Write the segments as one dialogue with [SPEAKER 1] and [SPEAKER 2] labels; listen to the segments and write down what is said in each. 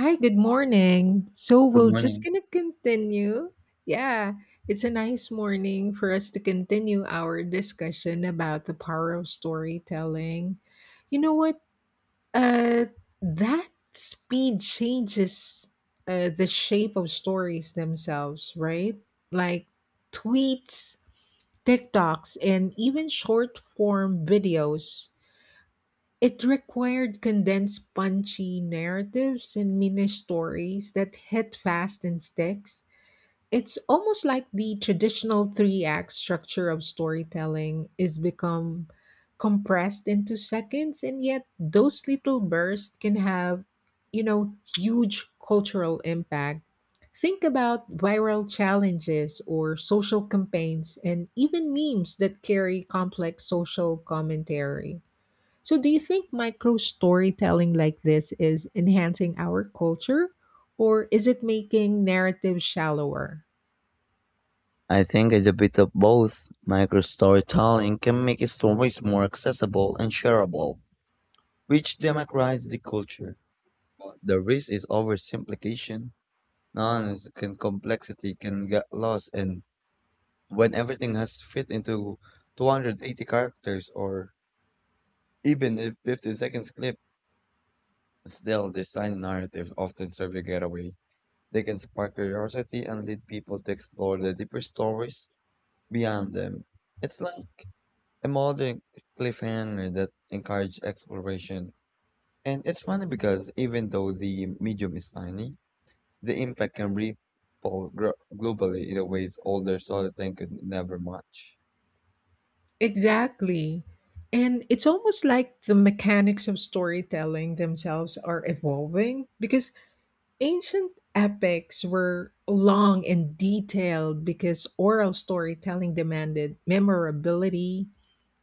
[SPEAKER 1] Hi, good morning. So
[SPEAKER 2] Good
[SPEAKER 1] we're just
[SPEAKER 2] morning.
[SPEAKER 1] gonna continue. Yeah, it's a nice morning for us to continue our discussion about the power of storytelling. You know what? Uh, that speed changes the shape of stories themselves, right? Like tweets, TikToks, and even short form videos it required condensed punchy narratives and mini stories that hit fast and sticks. It's almost like the traditional three-act structure of storytelling is become compressed into seconds, and yet those little bursts can have, huge cultural impact. Think about viral challenges or social campaigns and even memes that carry complex social commentary. So, do you think micro storytelling like this is enhancing our culture, or is it making narrative shallower?
[SPEAKER 2] I think it's a bit of both. Microstorytelling can make stories more accessible and shareable, which democratizes the culture. But the risk is oversimplification. Nonsense can complexity can get lost, and when everything has fit into 280 characters or even a 15 seconds clip, still the tiny narratives often serve a getaway. They can spark curiosity and lead people to explore the deeper stories beyond them. It's like a modern cliffhanger that encourages exploration. And it's funny because even though the medium is tiny, the impact can ripple globally in a ways older storytelling could never match.
[SPEAKER 1] Exactly. And it's almost like the mechanics of storytelling themselves are evolving because ancient epics were long and detailed because oral storytelling demanded memorability.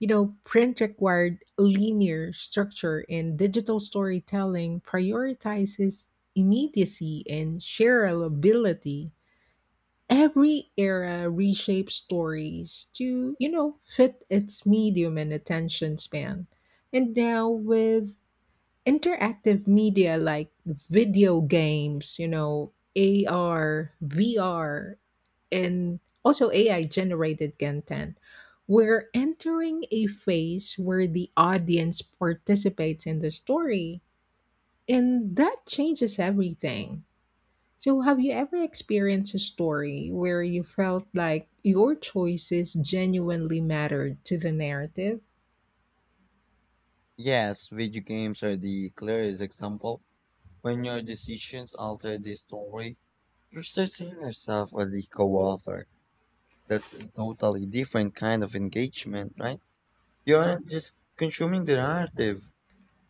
[SPEAKER 1] You know, print required linear structure, and digital storytelling prioritizes immediacy and shareability. Every era reshapes stories to, fit its medium and attention span. And now, with interactive media like video games, you know, AR, VR, and also AI generated content, we're entering a phase where the audience participates in the story, and that changes everything. So, have you ever experienced a story where you felt like your choices genuinely mattered to the narrative?
[SPEAKER 2] Yes, video games are the clearest example. When your decisions alter the story, you're still seeing yourself as the co-author. That's a totally different kind of engagement, right? You aren't just consuming the narrative,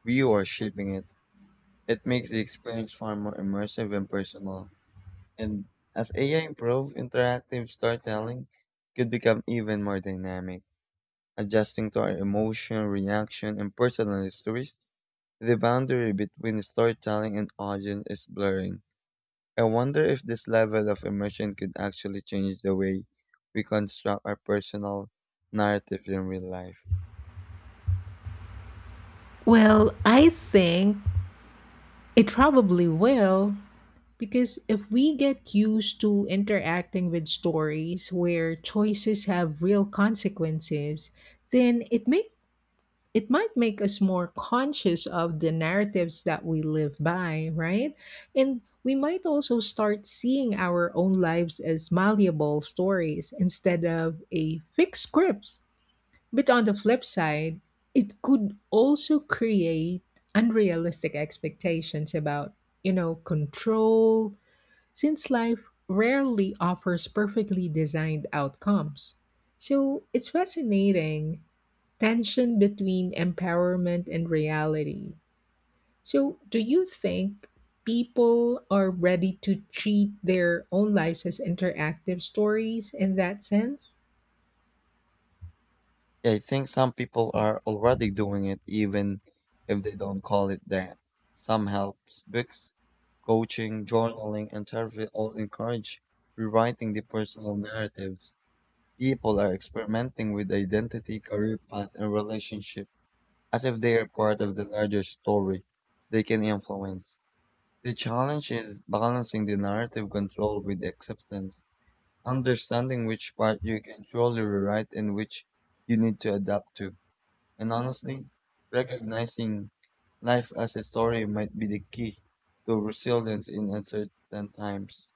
[SPEAKER 2] you are shaping it. It makes the experience far more immersive and personal. And as AI improves, interactive storytelling could become even more dynamic, adjusting to our emotion, reaction, and personal histories. The boundary between storytelling and audience is blurring. I wonder if this level of immersion could actually change the way we construct our personal narrative in real life.
[SPEAKER 1] Well, I think it probably will. Because if we get used to interacting with stories where choices have real consequences, then it might make us more conscious of the narratives that we live by, right? And we might also start seeing our own lives as malleable stories instead of a fixed scripts. But on the flip side, it could also create unrealistic expectations about, control, since life rarely offers perfectly designed outcomes. So it's fascinating tension between empowerment and reality. So, do you think people are ready to treat their own lives as interactive stories in that sense?
[SPEAKER 2] Yeah, I think some people are already doing it even if they don't call it that. Some helps books, coaching, journaling, and therapy all encourage rewriting the personal narratives. People are experimenting with identity, career path, and relationship as if they are part of the larger story they can influence. The challenge is balancing the narrative control with the acceptance, understanding which part you can truly rewrite and which you need to adapt to. And honestly, recognizing life as a story might be the key to resilience in uncertain times.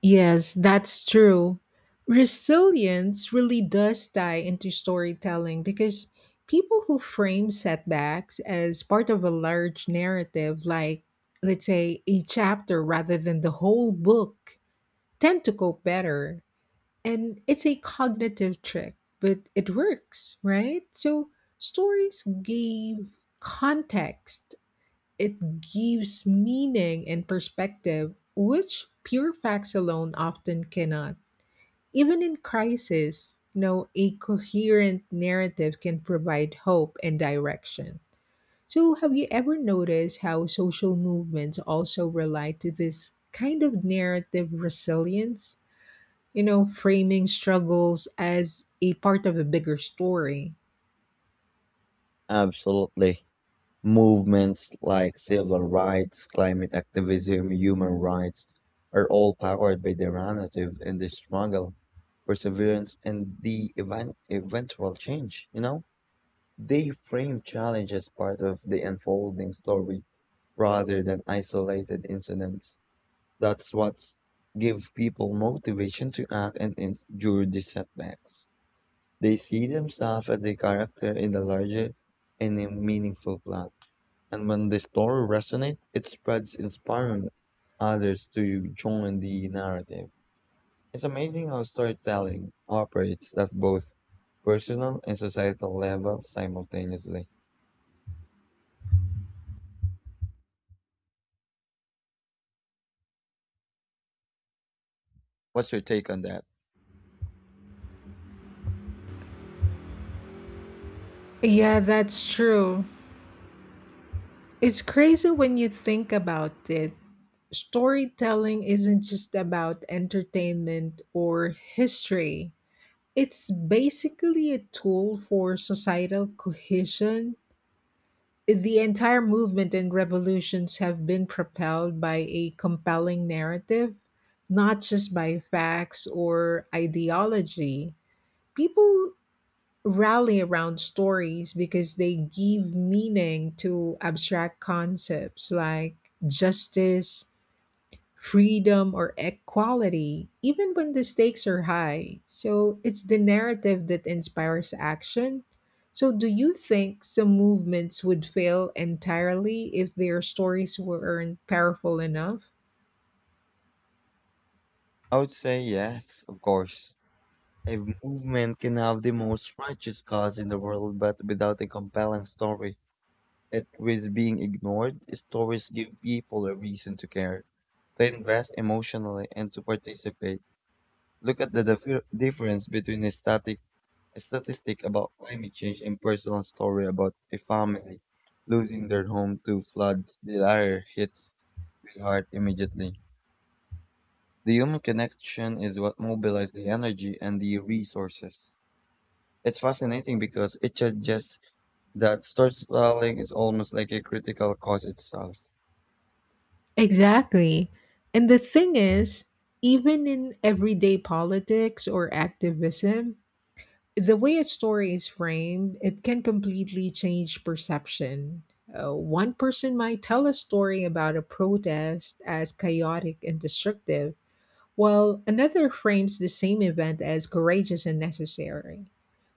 [SPEAKER 1] Yes, that's true. Resilience really does tie into storytelling because people who frame setbacks as part of a large narrative, like, let's say, a chapter rather than the whole book, tend to cope better. And it's a cognitive trick, but it works, right? So stories give context, it gives meaning and perspective, which pure facts alone often cannot. Even in crisis, a coherent narrative can provide hope and direction. So, have you ever noticed how social movements also rely to this kind of narrative resilience? You know, framing struggles as a part of a bigger story.
[SPEAKER 2] Absolutely. Movements like civil rights, climate activism, human rights are all powered by the narrative and the struggle, perseverance, and the eventual change. You know, they frame challenge as part of the unfolding story rather than isolated incidents. That's what gives people motivation to act and endure the setbacks. They see themselves as a character in a larger and a meaningful plot. And when the story resonates, it spreads, inspiring others to join the narrative. It's amazing how storytelling operates at both personal and societal levels simultaneously. What's your take on that?
[SPEAKER 1] Yeah, that's true. It's crazy when you think about it. Storytelling isn't just about entertainment or history. It's basically a tool for societal cohesion. The entire movement and revolutions have been propelled by a compelling narrative, not just by facts or ideology. People rally around stories because they give meaning to abstract concepts like justice, freedom or equality, even when the stakes are high. So it's the narrative that inspires action. So, do you think some movements would fail entirely if their stories weren't powerful enough?
[SPEAKER 2] I would say yes, of course. A movement can have the most righteous cause in the world, but without a compelling story. It risks being ignored. Stories give people a reason to care, to invest emotionally, and to participate. Look at the difference between a statistic about climate change and personal story about a family losing their home to floods. The latter hits the heart immediately. The human connection is what mobilizes the energy and the resources. It's fascinating because it suggests that storytelling is almost like a critical cause itself.
[SPEAKER 1] Exactly. And the thing is, even in everyday politics or activism, the way a story is framed, it can completely change perception. One person might tell a story about a protest as chaotic and destructive, well, another frames the same event as courageous and necessary.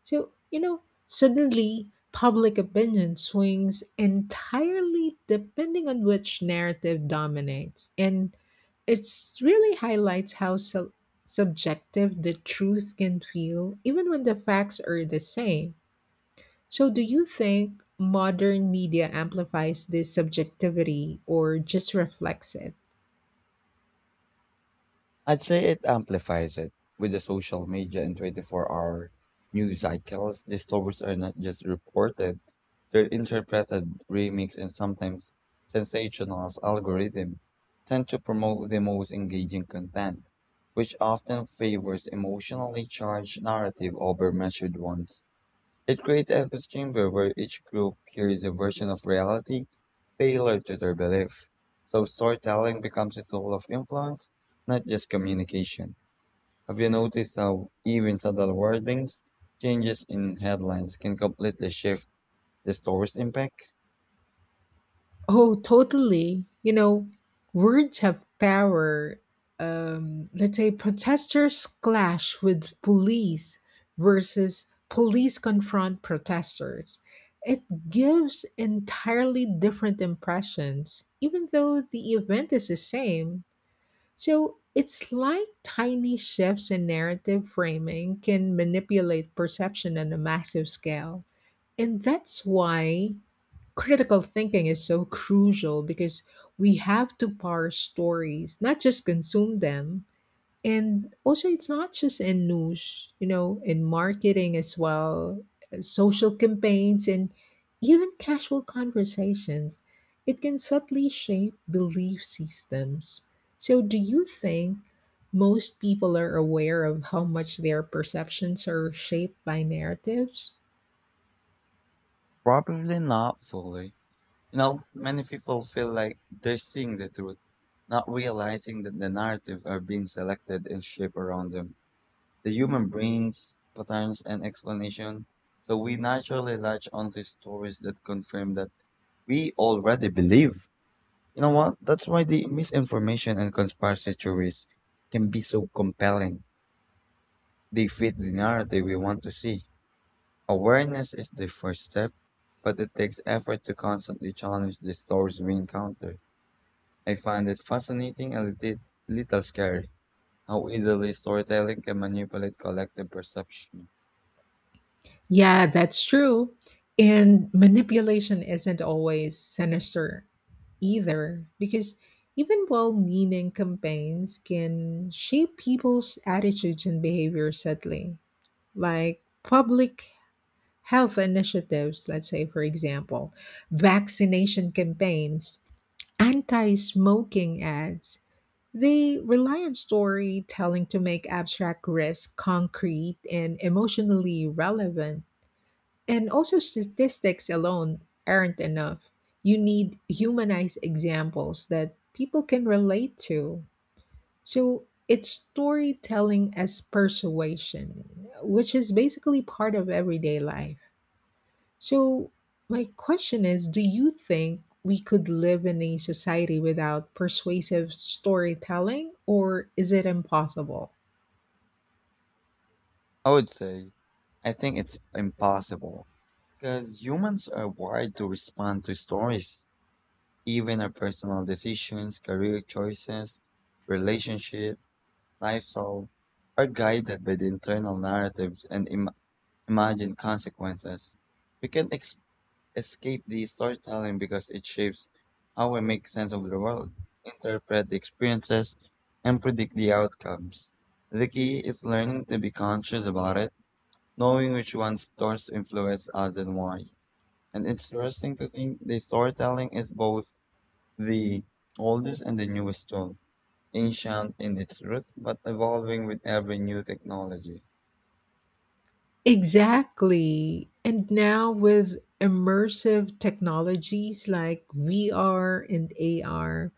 [SPEAKER 1] So, suddenly public opinion swings entirely depending on which narrative dominates. And it really highlights how subjective the truth can feel, even when the facts are the same. So, do you think modern media amplifies this subjectivity or just reflects it?
[SPEAKER 2] I'd say it amplifies it. With the social media and 24-hour news cycles, these stories are not just reported, they're interpreted, remixed, and sometimes sensationalized algorithms tend to promote the most engaging content, which often favors emotionally charged narrative over measured ones. It creates echo chamber where each group hears a version of reality tailored to their belief. So storytelling becomes a tool of influence, not just communication. Have you noticed how even subtle wordings, changes in headlines can completely shift the story's impact?
[SPEAKER 1] Oh, totally. You know, words have power. Let's say protesters clash with police versus police confront protesters. It gives entirely different impressions, even though the event is the same. So it's like tiny shifts in narrative framing can manipulate perception on a massive scale. And that's why critical thinking is so crucial because we have to parse stories, not just consume them. And also, it's not just in news, in marketing as well, social campaigns, and even casual conversations. It can subtly shape belief systems. So, do you think most people are aware of how much their perceptions are shaped by narratives?
[SPEAKER 2] Probably not fully. You know, many people feel like they're seeing the truth, not realizing that the narrative are being selected and shaped around them. The human brain's patterns and explanation, so we naturally latch onto stories that confirm that we already believe. You know what? That's why the misinformation and conspiracy theories can be so compelling. They fit the narrative we want to see. Awareness is the first step, but it takes effort to constantly challenge the stories we encounter. I find it fascinating and a little scary how easily storytelling can manipulate collective perception.
[SPEAKER 1] Yeah, that's true. And manipulation isn't always sinister either, because even well meaning campaigns can shape people's attitudes and behavior subtly, like public health initiatives, let's say, for example, vaccination campaigns, anti smoking ads. They rely on storytelling to make abstract risk concrete and emotionally relevant. And also, statistics alone aren't enough. You need humanized examples that people can relate to. So it's storytelling as persuasion, which is basically part of everyday life. So, my question is, do you think we could live in a society without persuasive storytelling, or is it impossible?
[SPEAKER 2] I would say, I think it's impossible because humans are wired to respond to stories, even our personal decisions, career choices, relationship, lifestyle are guided by the internal narratives and imagined consequences. We can't escape the storytelling because it shapes how we make sense of the world, interpret the experiences, and predict the outcomes. The key is learning to be conscious about it. Knowing which one's thoughts influence us and why. And it's interesting to think the storytelling is both the oldest and the newest tool, ancient in its roots, but evolving with every new technology.
[SPEAKER 1] Exactly. And now with immersive technologies like VR and AR,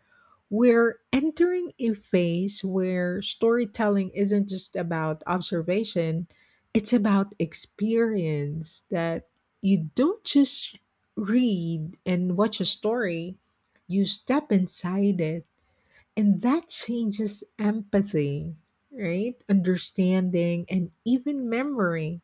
[SPEAKER 1] we're entering a phase where storytelling isn't just about observation, it's about experience. That you don't just read and watch a story, you step inside it. And that changes empathy, right? Understanding and even memory.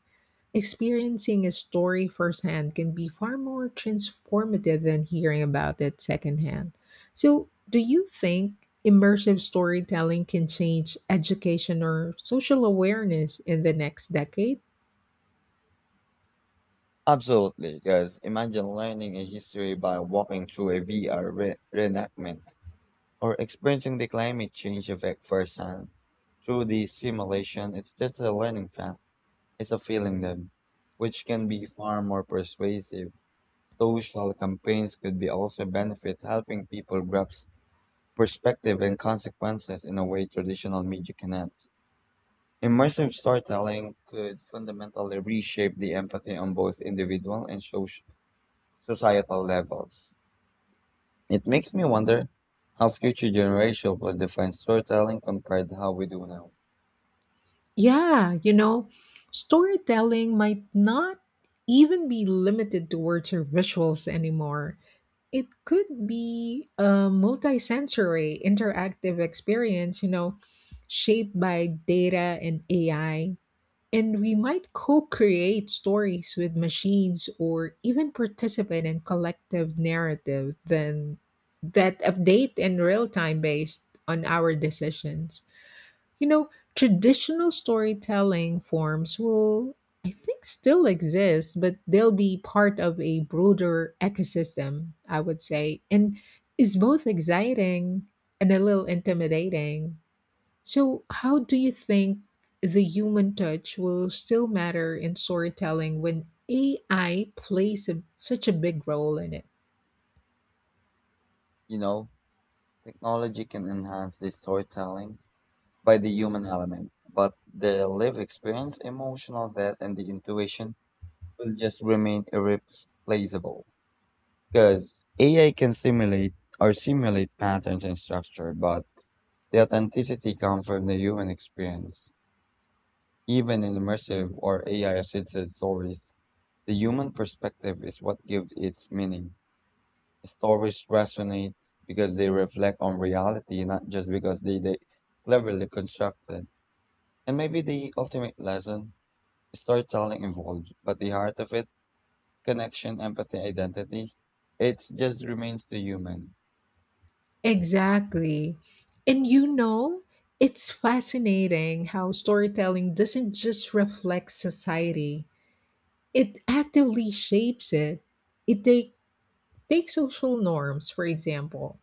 [SPEAKER 1] Experiencing a story firsthand can be far more transformative than hearing about it secondhand. So, do you think immersive storytelling can change education or social awareness in the next decade?
[SPEAKER 2] Absolutely, because imagine learning a history by walking through a VR reenactment or experiencing the climate change effect firsthand. Through the simulation, it's just a learning fact. It's a feeling then, which can be far more persuasive. So social campaigns could be also benefit helping people grasp perspective and consequences in a way traditional media cannot. Immersive storytelling could fundamentally reshape the empathy on both individual and societal levels. It makes me wonder how future generations will define storytelling compared to how we do now.
[SPEAKER 1] Yeah, you know, storytelling might not even be limited to words or visuals anymore. It could be a multi-sensory, interactive experience, shaped by data and AI. And we might co create stories with machines or even participate in collective narrative then that update in real time based on our decisions. You know, traditional storytelling forms will, I think, still exist, but they'll be part of a broader ecosystem, I would say. And it's both exciting and a little intimidating. So, how do you think the human touch will still matter in storytelling when AI plays a, such a big role in it?
[SPEAKER 2] You know, technology can enhance the storytelling by the human element, but the lived experience, emotional depth, and the intuition will just remain irreplaceable because AI can simulate or simulate patterns and structure, but the authenticity comes from the human experience. Even in immersive or AI assisted stories, the human perspective is what gives its meaning. Stories resonate because they reflect on reality, not just because they cleverly constructed. And maybe the ultimate lesson storytelling involved, but the heart of it connection, empathy, identity. It just remains the human.
[SPEAKER 1] Exactly. And you know, it's fascinating how storytelling doesn't just reflect society, it actively shapes it. It take, Takes social norms, for example.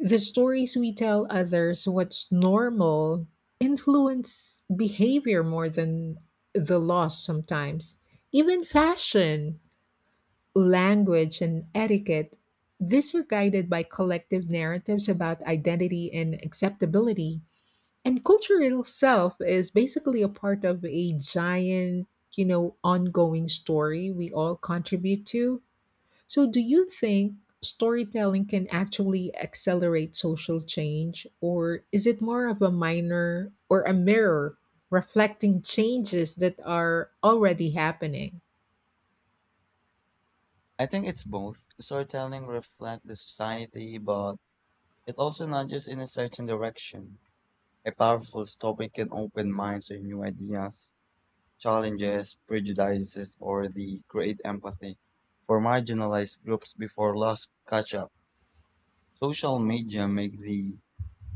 [SPEAKER 1] The stories we tell others what's normal influence behavior more than the laws sometimes. Even fashion, language, and etiquette, these were guided by collective narratives about identity and acceptability. And cultural self is basically a part of a giant, ongoing story we all contribute to. So, do you think storytelling can actually accelerate social change, or is it more of a minor or a mirror reflecting changes that are already happening?
[SPEAKER 2] I think it's both. Storytelling reflects the society, but it also nudges in a certain direction. A powerful story can open minds to new ideas, challenges, prejudices, or the create empathy for marginalized groups before loss catch up. Social media makes the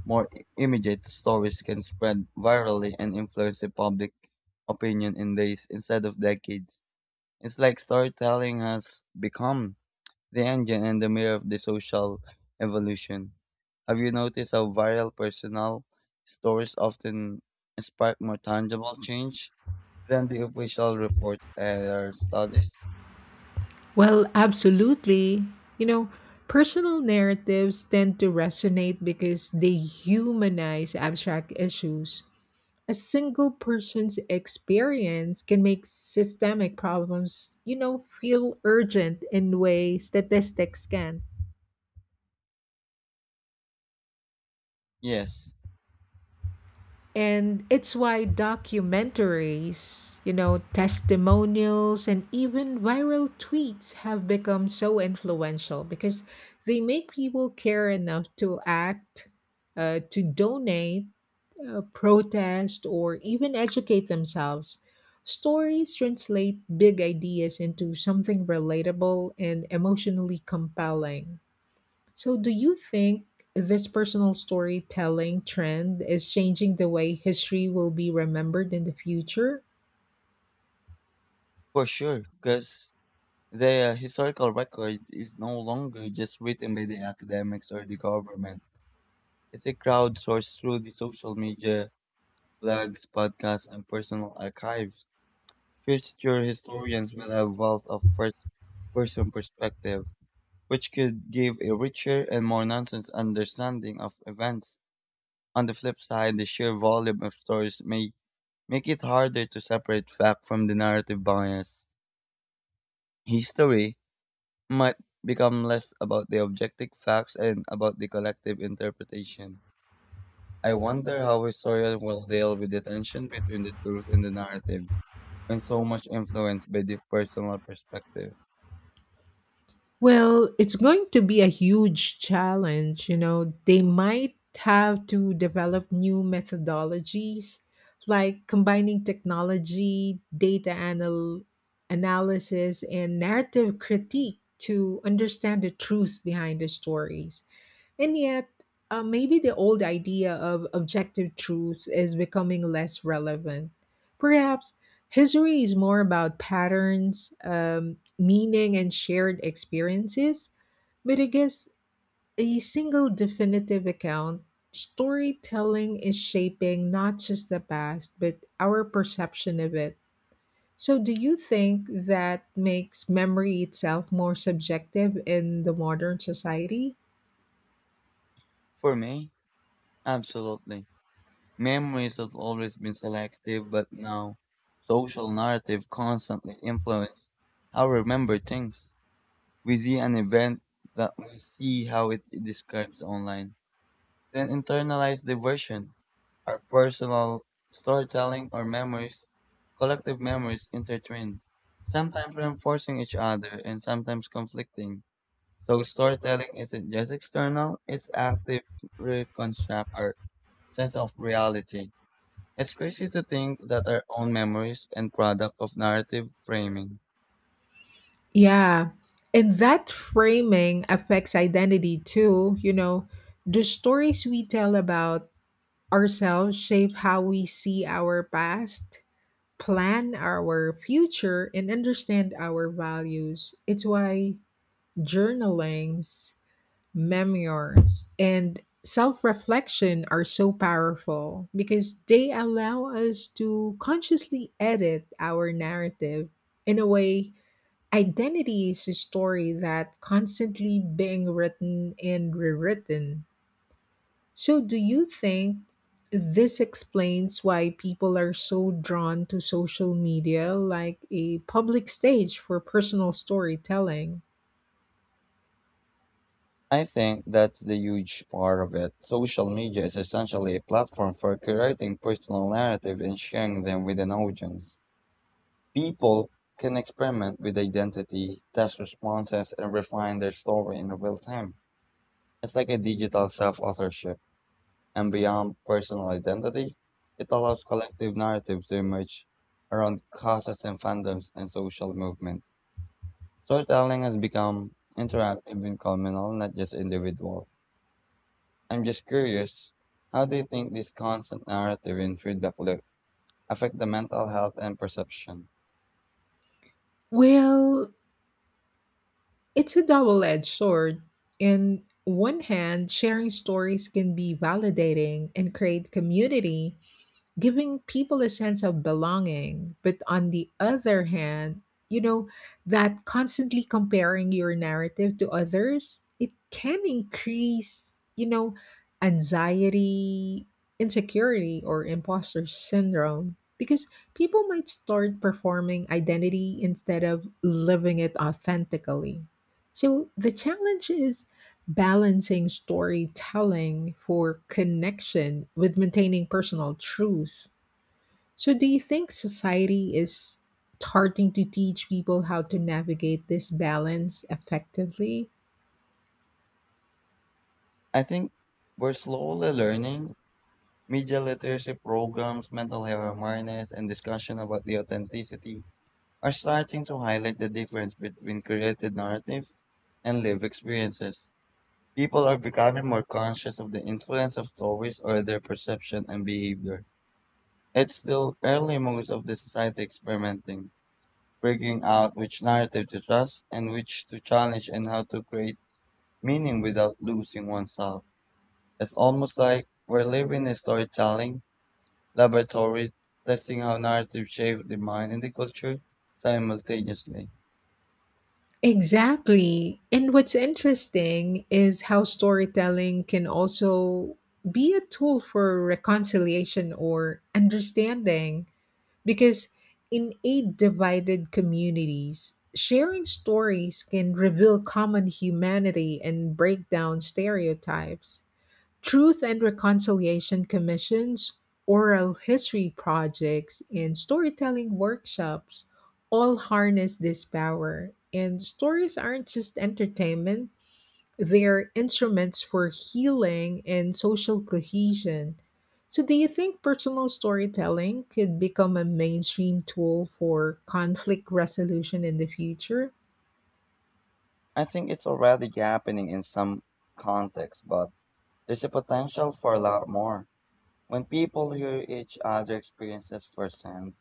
[SPEAKER 2] more immediate stories can spread virally and influence the public opinion in days instead of decades. It's like storytelling has become the engine and the mirror of the social evolution. Have you noticed how viral personal stories often spark more tangible change than the official reports or studies?
[SPEAKER 1] Well, absolutely. You know, personal narratives tend to resonate because they humanize abstract issues. A single person's experience can make systemic problems, feel urgent in ways statistics can.
[SPEAKER 2] Yes,
[SPEAKER 1] And it's why documentaries, testimonials, and even viral tweets have become so influential because they make people care enough to act, to donate, protest, or even educate themselves. Stories translate big ideas into something relatable and emotionally compelling. So, do you think this personal storytelling trend is changing the way history will be remembered in the future?
[SPEAKER 2] for sure, because the historical record is no longer just written by the academics or the government. It's a crowdsourced through the social media, blogs, podcasts, and personal archives. Future historians will have wealth of first-person perspective, which could give a richer and more nuanced understanding of events. On the flip side, the sheer volume of stories may make it harder to separate fact from the narrative bias. History might become less about the objective facts and about the collective interpretation. I wonder how historians will deal with the tension between the truth and the narrative, and so much influenced by the personal perspective.
[SPEAKER 1] Well, it's going to be a huge challenge. You know, they might have to develop new methodologies like combining technology, analysis, and narrative critique to understand the truth behind the stories. And yet, maybe the old idea of objective truth is becoming less relevant. Perhaps history is more about patterns, meaning, and shared experiences. But I guess a single definitive account, storytelling is shaping not just the past, but our perception of it. So, do you think that makes memory itself more subjective in the modern society?
[SPEAKER 2] For me, absolutely. Memories have always been selective, but now social narrative constantly influence how I remember things. We see an event that we see how it describes online, then internalize the version. Our personal storytelling or memories, collective memories intertwine, sometimes reinforcing each other and sometimes conflicting. So storytelling isn't just external, it's active to reconstruct our sense of reality. It's crazy to think that our own memories and product of narrative framing.
[SPEAKER 1] Yeah. And that framing affects identity too. You know, the stories we tell about ourselves shape how we see our past, plan our future, and understand our values. It's why journalings, memoirs, and self reflection are so powerful because they allow us to consciously edit our narrative in a way. Identity is a story that constantly being written and rewritten. So do you think this explains why people are so drawn to social media like a public stage for personal storytelling?
[SPEAKER 2] I think that's the huge part of it. Social media is essentially a platform for creating personal narrative and sharing them with an audience. People can experiment with identity, test responses, and refine their story in real time. It's like a digital self-authorship. And beyond personal identity, it allows collective narratives to emerge around causes and fandoms and social movement. Storytelling has become interactive and communal, not just individual. I'm just curious, how do you think this constant narrative and feedback loop affect the mental health and perception?
[SPEAKER 1] Well, it's a double-edged sword. In one hand, sharing stories can be validating and create community, giving people a sense of belonging. But on the other hand, you know, that constantly comparing your narrative to others, it can increase, anxiety, insecurity, or imposter syndrome because people might start performing identity instead of living it authentically. So the challenge is balancing storytelling for connection with maintaining personal truth. So, do you think society is starting to teach people how to navigate this balance effectively?
[SPEAKER 2] I think we're slowly learning media literacy programs, mental health awareness, and discussion about the authenticity are starting to highlight the difference between created narrative and lived experiences. People are becoming more conscious of the influence of stories or their perception and behavior. It's still early most of the society experimenting figuring out which narrative to trust and which to challenge and how to create meaning without losing oneself. It's almost like we're living a storytelling laboratory, testing how narrative shape the mind and the culture simultaneously.
[SPEAKER 1] Exactly. And what's interesting is how storytelling can also be a tool for reconciliation or understanding. Because in eight divided communities, sharing stories can reveal common humanity and break down stereotypes. Truth and Reconciliation Commissions, oral history projects, and storytelling workshops all harness this power. And stories aren't just entertainment, they're instruments for healing and social cohesion. So, do you think personal storytelling could become a mainstream tool for conflict resolution in the future?
[SPEAKER 2] I think it's already happening in some contexts, but there's a potential for a lot more. When people hear each other experiences firsthand,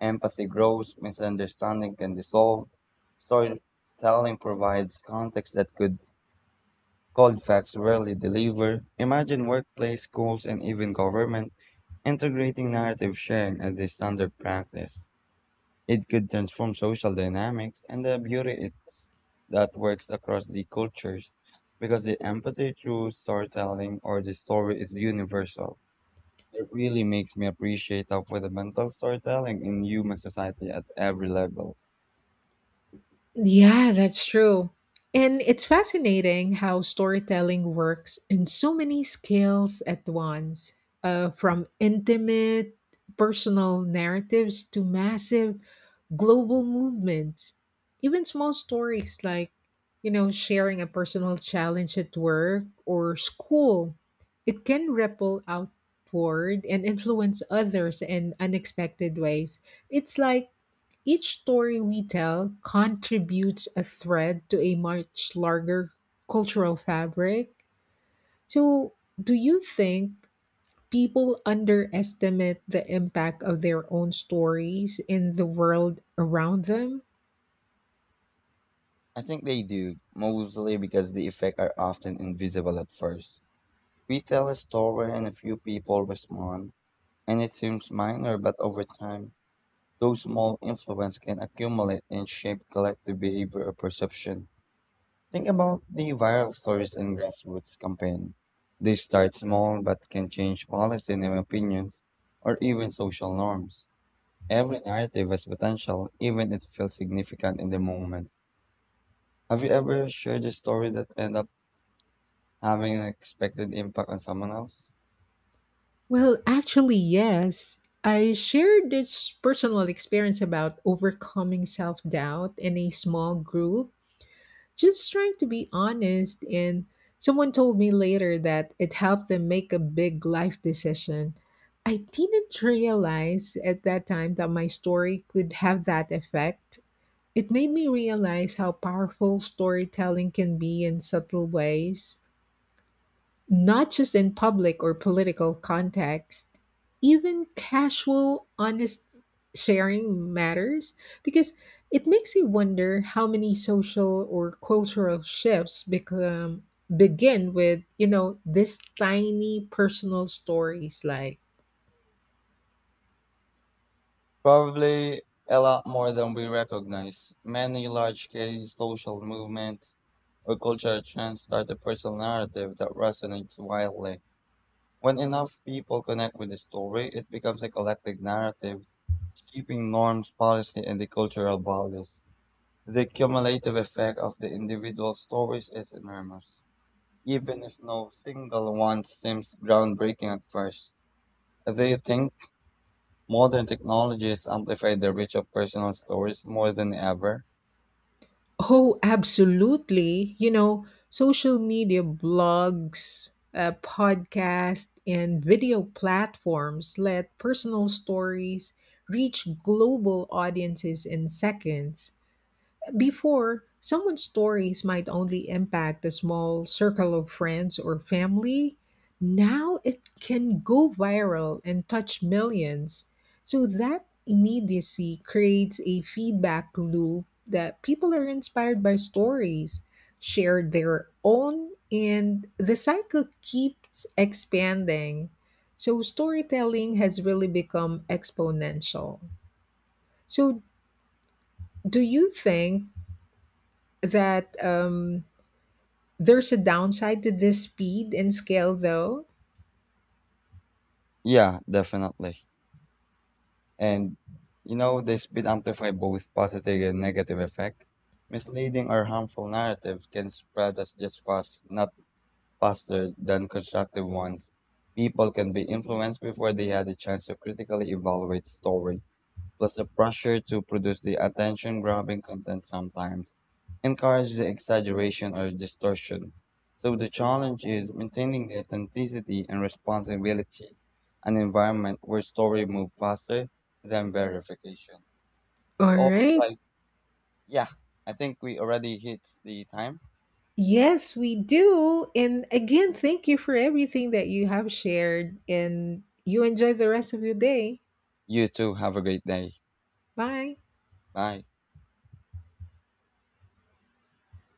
[SPEAKER 2] empathy grows, misunderstanding can dissolve. Storytelling provides context that could cold facts rarely deliver. Imagine workplace, schools, and even government integrating narrative sharing as a standard practice. It could transform social dynamics, and the beauty is that works across the cultures because the empathy through storytelling or the story is universal. It really makes me appreciate how fundamental storytelling in human society at every level.
[SPEAKER 1] Yeah, that's true. And it's fascinating how storytelling works in so many scales at once, from intimate personal narratives to massive global movements. Even small stories like, sharing a personal challenge at work or school, it can ripple outward and influence others in unexpected ways. It's like each story we tell contributes a thread to a much larger cultural fabric. So, do you think people underestimate the impact of their own stories in the world around them?
[SPEAKER 2] I think they do, mostly because the effects are often invisible at first. We tell a story and a few people respond, and it seems minor, but over time, those small influences can accumulate and shape collective behavior or perception. Think about the viral stories and grassroots campaign. They start small but can change policy and opinions or even social norms. Every narrative has potential, even if it feels significant in the moment. Have you ever shared a story that ended up having an expected impact on someone else?
[SPEAKER 1] Well, actually, yes. I shared this personal experience about overcoming self doubt in a small group, just trying to be honest. And someone told me later that it helped them make a big life decision. I didn't realize at that time that my story could have that effect. It made me realize how powerful storytelling can be in subtle ways, not just in public or political context, even casual, honest sharing matters because it makes you wonder how many social or cultural shifts become begin with you know this tiny personal stories like.
[SPEAKER 2] Probably a lot more than we recognize. Many large scale social movements or cultural trends start a personal narrative that resonates wildly. When enough people connect with the story, it becomes a collective narrative, shaping norms, policy, and the cultural values. The cumulative effect of the individual stories is enormous, even if no single one seems groundbreaking at first. Do you think modern technologies amplify the reach of personal stories more than ever?
[SPEAKER 1] Oh, absolutely. You know, social media, blogs, podcasts, and video platforms let personal stories reach global audiences in seconds. Before, someone's stories might only impact a small circle of friends or family. Now it can go viral and touch millions. So that immediacy creates a feedback loop that people are inspired by stories, share their own, and the cycle keeps expanding. So storytelling has really become exponential. So, do you think that there's a downside to this speed and scale, though?
[SPEAKER 2] Yeah, definitely. And you know, they speed amplify both positive and negative effect. Misleading or harmful narrative can spread as just fast, not faster than constructive ones. People can be influenced before they had a chance to critically evaluate stories, plus the pressure to produce the attention grabbing content sometimes encourages the exaggeration or distortion. So the challenge is maintaining the authenticity and responsibility, an environment where story move faster than verification. It's
[SPEAKER 1] All
[SPEAKER 2] all
[SPEAKER 1] right.
[SPEAKER 2] like, yeah, I think we already hit the time.
[SPEAKER 1] Yes, we do. And again, thank you for everything that you have shared, and you enjoy the rest of your day.
[SPEAKER 2] You too, have a great day.
[SPEAKER 1] Bye.
[SPEAKER 2] Bye.